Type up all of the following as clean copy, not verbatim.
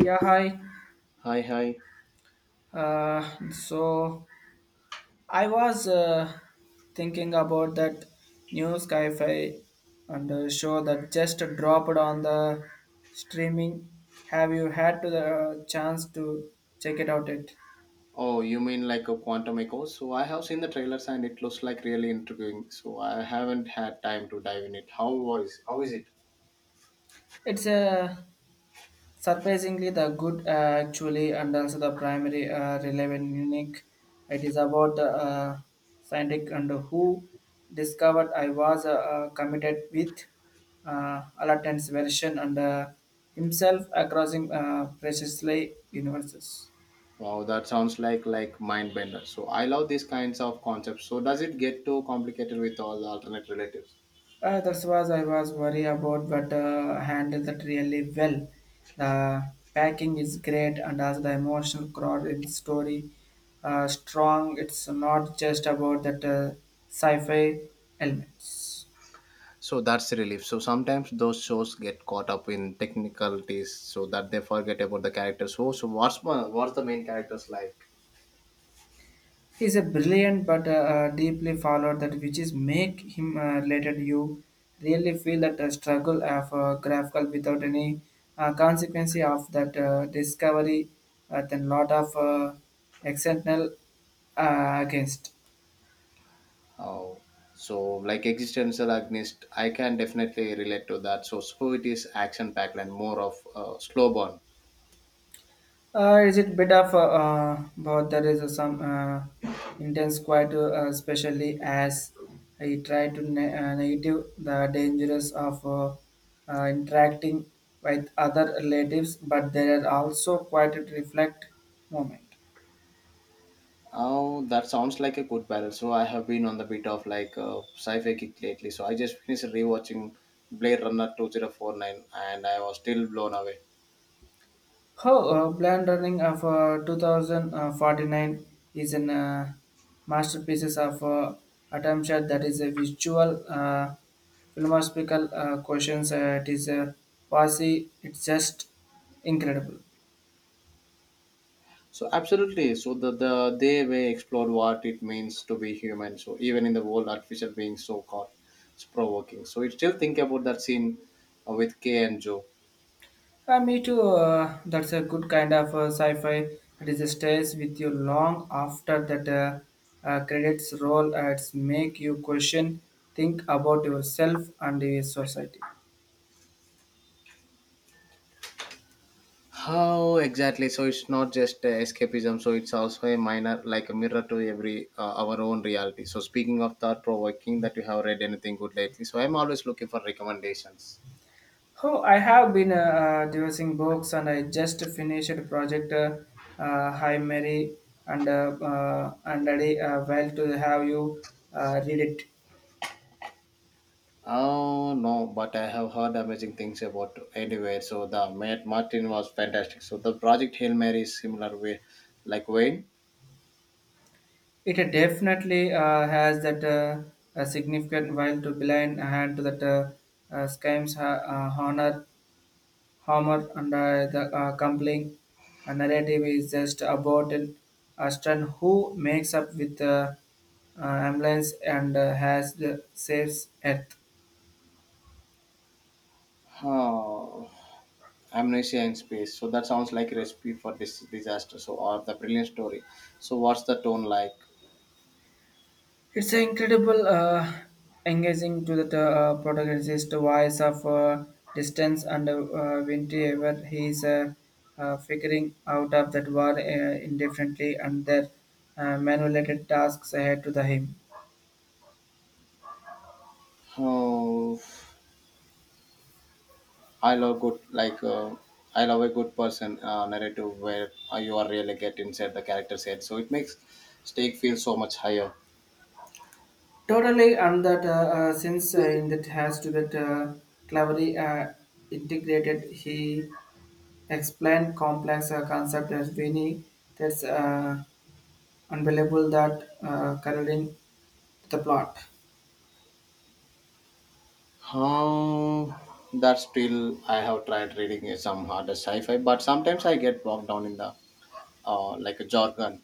Yeah, hi. Hi, hi. Uh, so I was thinking about that new sci-fi and show that just dropped on the streaming. Have you had to the chance to check it out? It Oh, you mean like a quantum echo? So I have seen the trailers and it looks like really intriguing. So I haven't had time to dive in it. How was? How is it? it's a surprisingly the good actually and also the primary relevant unique. It is about the scientific and who discovered I was committed with Alatan's version and himself across preciously universes. Wow, that sounds like mind bender. So I love these kinds of concepts. So does it get too complicated with all the alternate relatives? That was I was worried about, but handled that really well. The packing is great, and as the emotional core in the story strong, it's not just about that sci-fi elements. So that's a relief. So sometimes those shows get caught up in technicalities so that they forget about the characters. Oh, so what's the main characters like? He's a brilliant but deeply followed that which is make him related you really feel that the struggle of graphical without any consequence of that discovery then lot of external against. Oh, so like existential agonist, I can definitely relate to that. So it is action packed and more of slow burn. Is it bit of both? There is some intense quiet, especially as I try to negative the dangers of interacting with other relatives, but there are also quite a reflect moment. Oh, that sounds like a good battle. So I have been on the bit of like sci-fi kick lately. So I just finished rewatching Blade Runner 2049 and I was still blown away. How Blind Running of 2049 is an masterpieces of attention that is a visual, philosophical questions. It is quasi, it's just incredible. So absolutely. So the they way explored what it means to be human. So even in the world artificial being so caught, it's provoking. So you still think about that scene with Kay and Joe. Me too. That's a good kind of sci-fi. It is a stays with you long after that credits roll. It's make you question, think about yourself and your society. How exactly? So it's not just escapism. So it's also a minor, like a mirror to every our own reality. So speaking of thought provoking, that you have read anything good lately? So I'm always looking for recommendations. Oh, I have been doing books and I just finished a project. Hi, Mary, and and Daddy, well to have you read it. Oh no, but I have heard amazing things about anyway. So the Matt Martin was fantastic. So the Project Hail Mary is similar way, like Wayne. It definitely has that a significant while to blind hand to that schemes honor, Homer, and the compelling narrative is just about an Ashton who makes up with ambulance and has the saves Earth. Oh, amnesia in space. So that sounds like a recipe for disaster. So or the brilliant story. So what's the tone like? It's an incredible engaging to the protagonist's voice of distance and winter ever he is figuring out of that war indifferently and their manipulated tasks ahead to the him. Oh, I love good like uh, I love a good person narrative where you are really get inside the character's head, so it makes stake feel so much higher. Totally, and that since in that has to that cleverly integrated, he explained complex concept as Vinny. That's unbelievable that curling the plot. Um, that still I have tried reading some harder sci-fi, but sometimes I get bogged down in the like a jargon.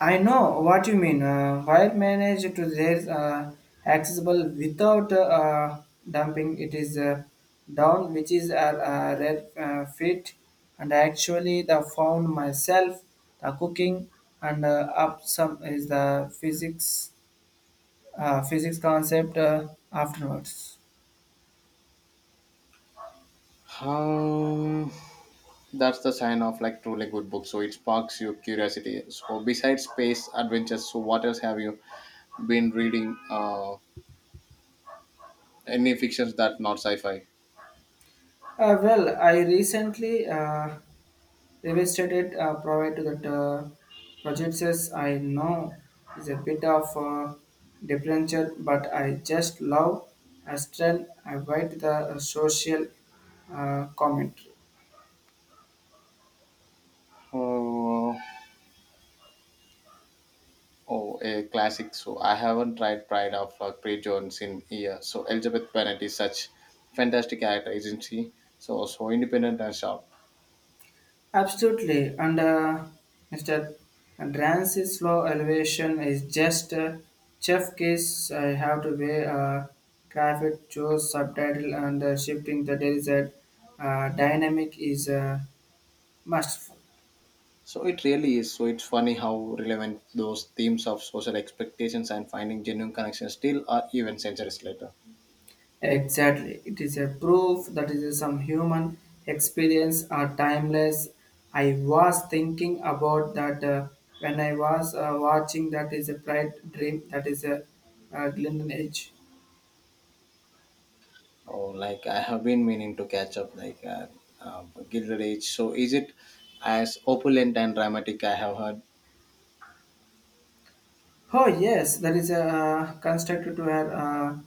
I know what you mean. While managed to their accessible without dumping, it is down, which is a rare fit. And actually, the found myself the cooking and up some is the physics concept afterwards. Um, that's the sign of like truly good book. So it sparks your curiosity. So besides space adventures, so what else have you been reading? Any fictions that not sci-fi? Well, I recently. Revisited provide to that projects as I know is a bit of a differential, but I just love Astral. I write the social commentary. Uh, oh, a classic. So I haven't tried Pride of Grey Jones in years. So Elizabeth Bennet is such fantastic actor, isn't she? So independent and sharp. Absolutely, and Mr. Drance's slow elevation is just a chef case. I have to weigh traffic, choose subtitle, and shifting the there is a dynamic is a must. So it really is. So it's funny how relevant those themes of social expectations and finding genuine connections still are even centuries later. Exactly. It is a proof that is some human experience are timeless. I was thinking about that when I was watching that is a bright dream that is a Glendon Edge. Oh, like I have been meaning to catch up, uh, Gilded Age. So is it as opulent and dramatic? I have heard. Oh yes, that is a constructed to her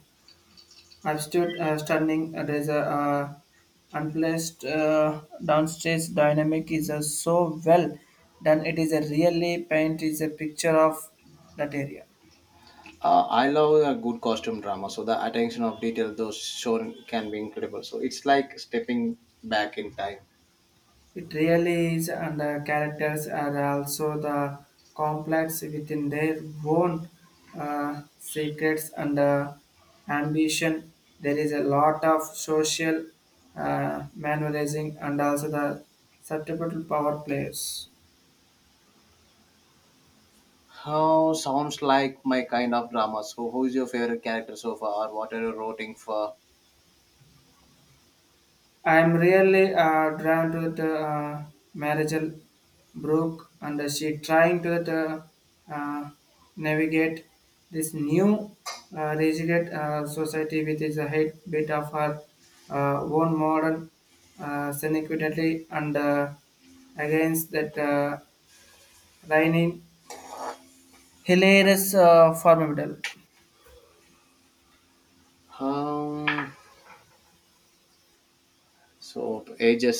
abstract stunning. There is a unplaced downstairs dynamic is so well done. It is a really paint is a picture of that area. I love a good costume drama, so the attention of detail those shown can be incredible. So it's like stepping back in time. It really is, and the characters are also the complex within their own secrets and ambition. There is a lot of social maneuverizing and also the susceptible power players. How sounds like my kind of drama. So who's your favorite character so far, or what are you rooting for? I'm really drawn to the Marigel Brooke and she trying to the, uh, navigate this new rigid society with is a head bit of her own modern cynically and against that lining hilarious formidable. Um, so ages.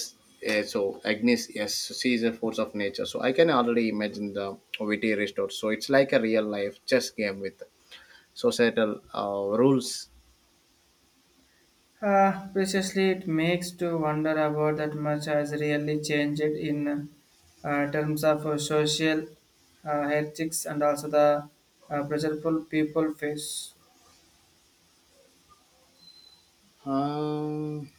So Agnes, yes, so she is a force of nature. So I can already imagine the witty restored. So it's like a real life chess game with societal rules. Precisely, it makes to wonder about that much has really changed in terms of social ethics and also the pressure pull people face. Um,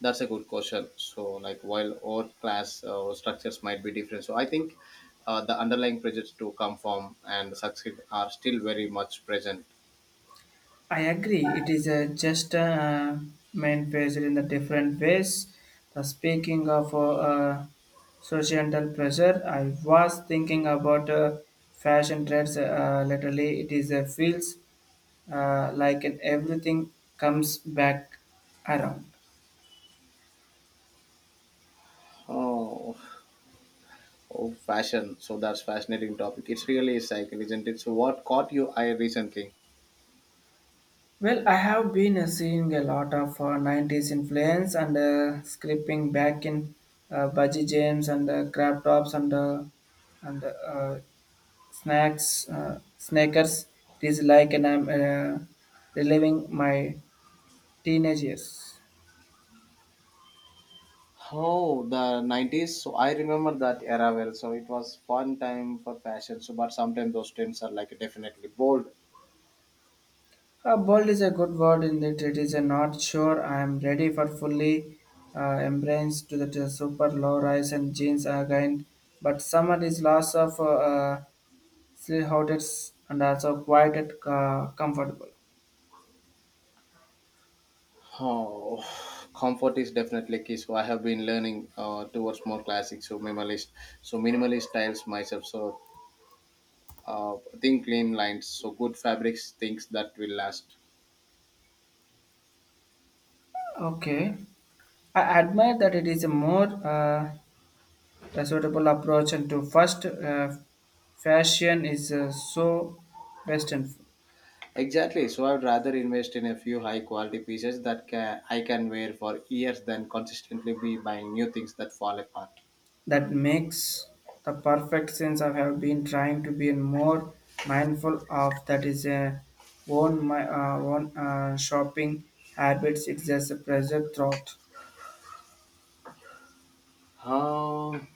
That's a good question. So, like, while all class or structures might be different, so I think the underlying pressures to conform and succeed are still very much present. I agree. It is just main faced in the different ways. The speaking of societal pressure, I was thinking about fashion trends. Literally, it is feels like and everything comes back around. Oh, oh, fashion. So that's fascinating topic. It's really a cycle, isn't it? So, what caught your eye recently? Well, I have been seeing a lot of 90s influence and scripting back in Budgie James and Crab Tops and snacks, snackers. It is like and I'm reliving my teenage years. Oh, the 90s. So I remember that era well. So it was fun time for fashion. So, but sometimes those trends are like definitely bold. Bold is a good word in that it is a not sure I am ready for fully embrace to the super low rise and jeans again. But summer is loss of sleek-hooded and also quiet and comfortable. Oh, comfort is definitely key. So I have been learning towards more classic, so minimalist styles myself. So uh, think clean lines, so good fabrics, things that will last. Okay, I admire that it is a more a suitable approach and to first fashion is so western. Exactly. So I'd rather invest in a few high quality pieces that I can wear for years than consistently be buying new things that fall apart. That makes the perfect sense. I have been trying to be more mindful of that is a own shopping habits. It's just a pressure thought. Um,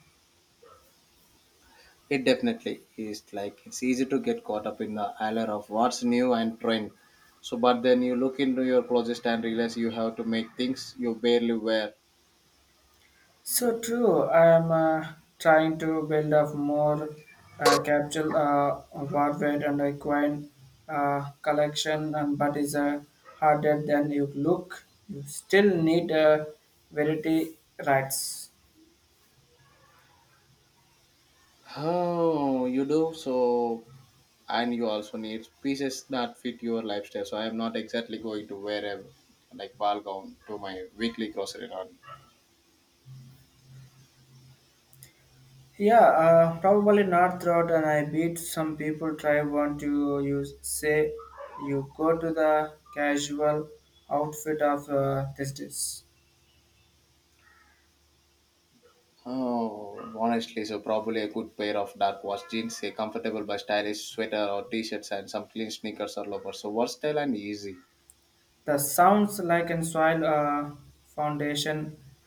It definitely is like it's easy to get caught up in the allure of what's new and trend. So, but then you look into your closet and realize you have to make things you barely wear. So true. I am trying to build up more capital wardware and a coin collection and but is harder than you look. You still need variety rights. Oh, you do so, and you also need pieces that fit your lifestyle. So, I am not exactly going to wear a like ball gown to my weekly grocery run. Yeah, probably not throughout, and I beat some people try want to you say you go to the casual outfit of this is Oh, honestly, so probably a good pair of dark wash jeans, a comfortable but stylish sweater or t-shirts, and some clean sneakers or loafers. So versatile and easy. the sounds like in soil foundation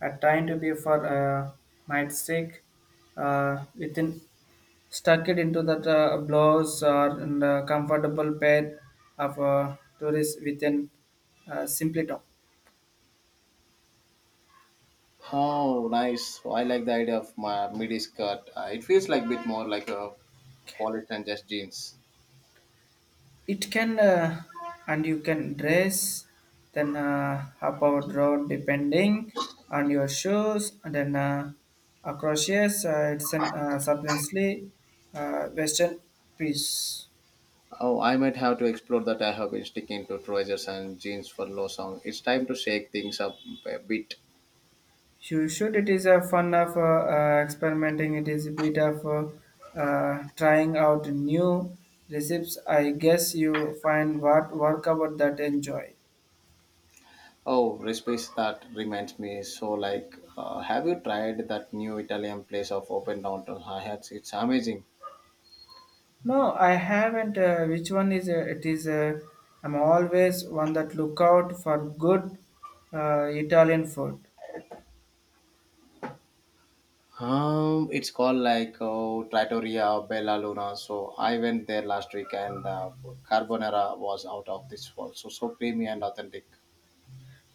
are trying to be for might sake within stuck it into that blouse or in the comfortable pair of tourists within simply top. Oh, nice. Oh, I like the idea of my midi skirt. It feels like a bit more like a polished than just jeans. It can and you can dress then up or draw depending on your shoes and then across yes it's an substantially western piece. Oh, I might have to explore that. I have been sticking to trousers and jeans for low song. It's time to shake things up a bit. You should. It is a fun of experimenting. It is a bit of trying out new recipes. I guess you find what work about that enjoy. Oh, recipes that reminds me. So, like, have you tried that new Italian place of open downtown? I had it's amazing. No, I haven't. Which one is it? Is I'm always one that look out for good Italian food. It's called like Trattoria Bella Luna. So I went there last week, and the carbonara was out of this world. So creamy and authentic.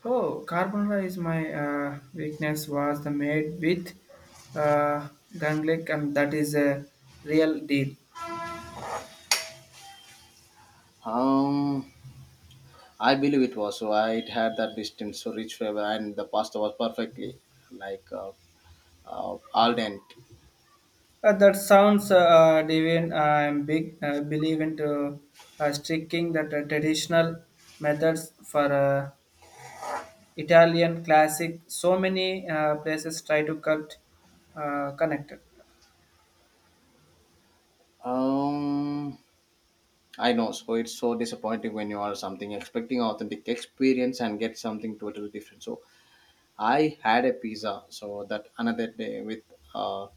Oh, carbonara is my weakness. Was the made with uh, garlic, and that is a real deal. Um, I believe it was. So I, it had that distinct, so rich flavor, and the pasta was perfectly like uh, al dente. That sounds divine. I'm big believe into sticking that traditional methods for Italian classic. So many places try to cut connected. Um, I know. So it's so disappointing when you are something expecting authentic experience and get something totally different. So I had a pizza, so that another day with uh,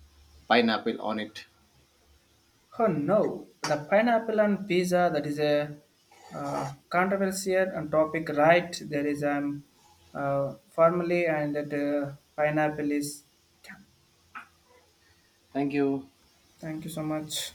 pineapple on it. Oh no, the pineapple and pizza. That is a controversial and topic, right? There is formally and that pineapple is. Yeah, Thank you. thank you so much.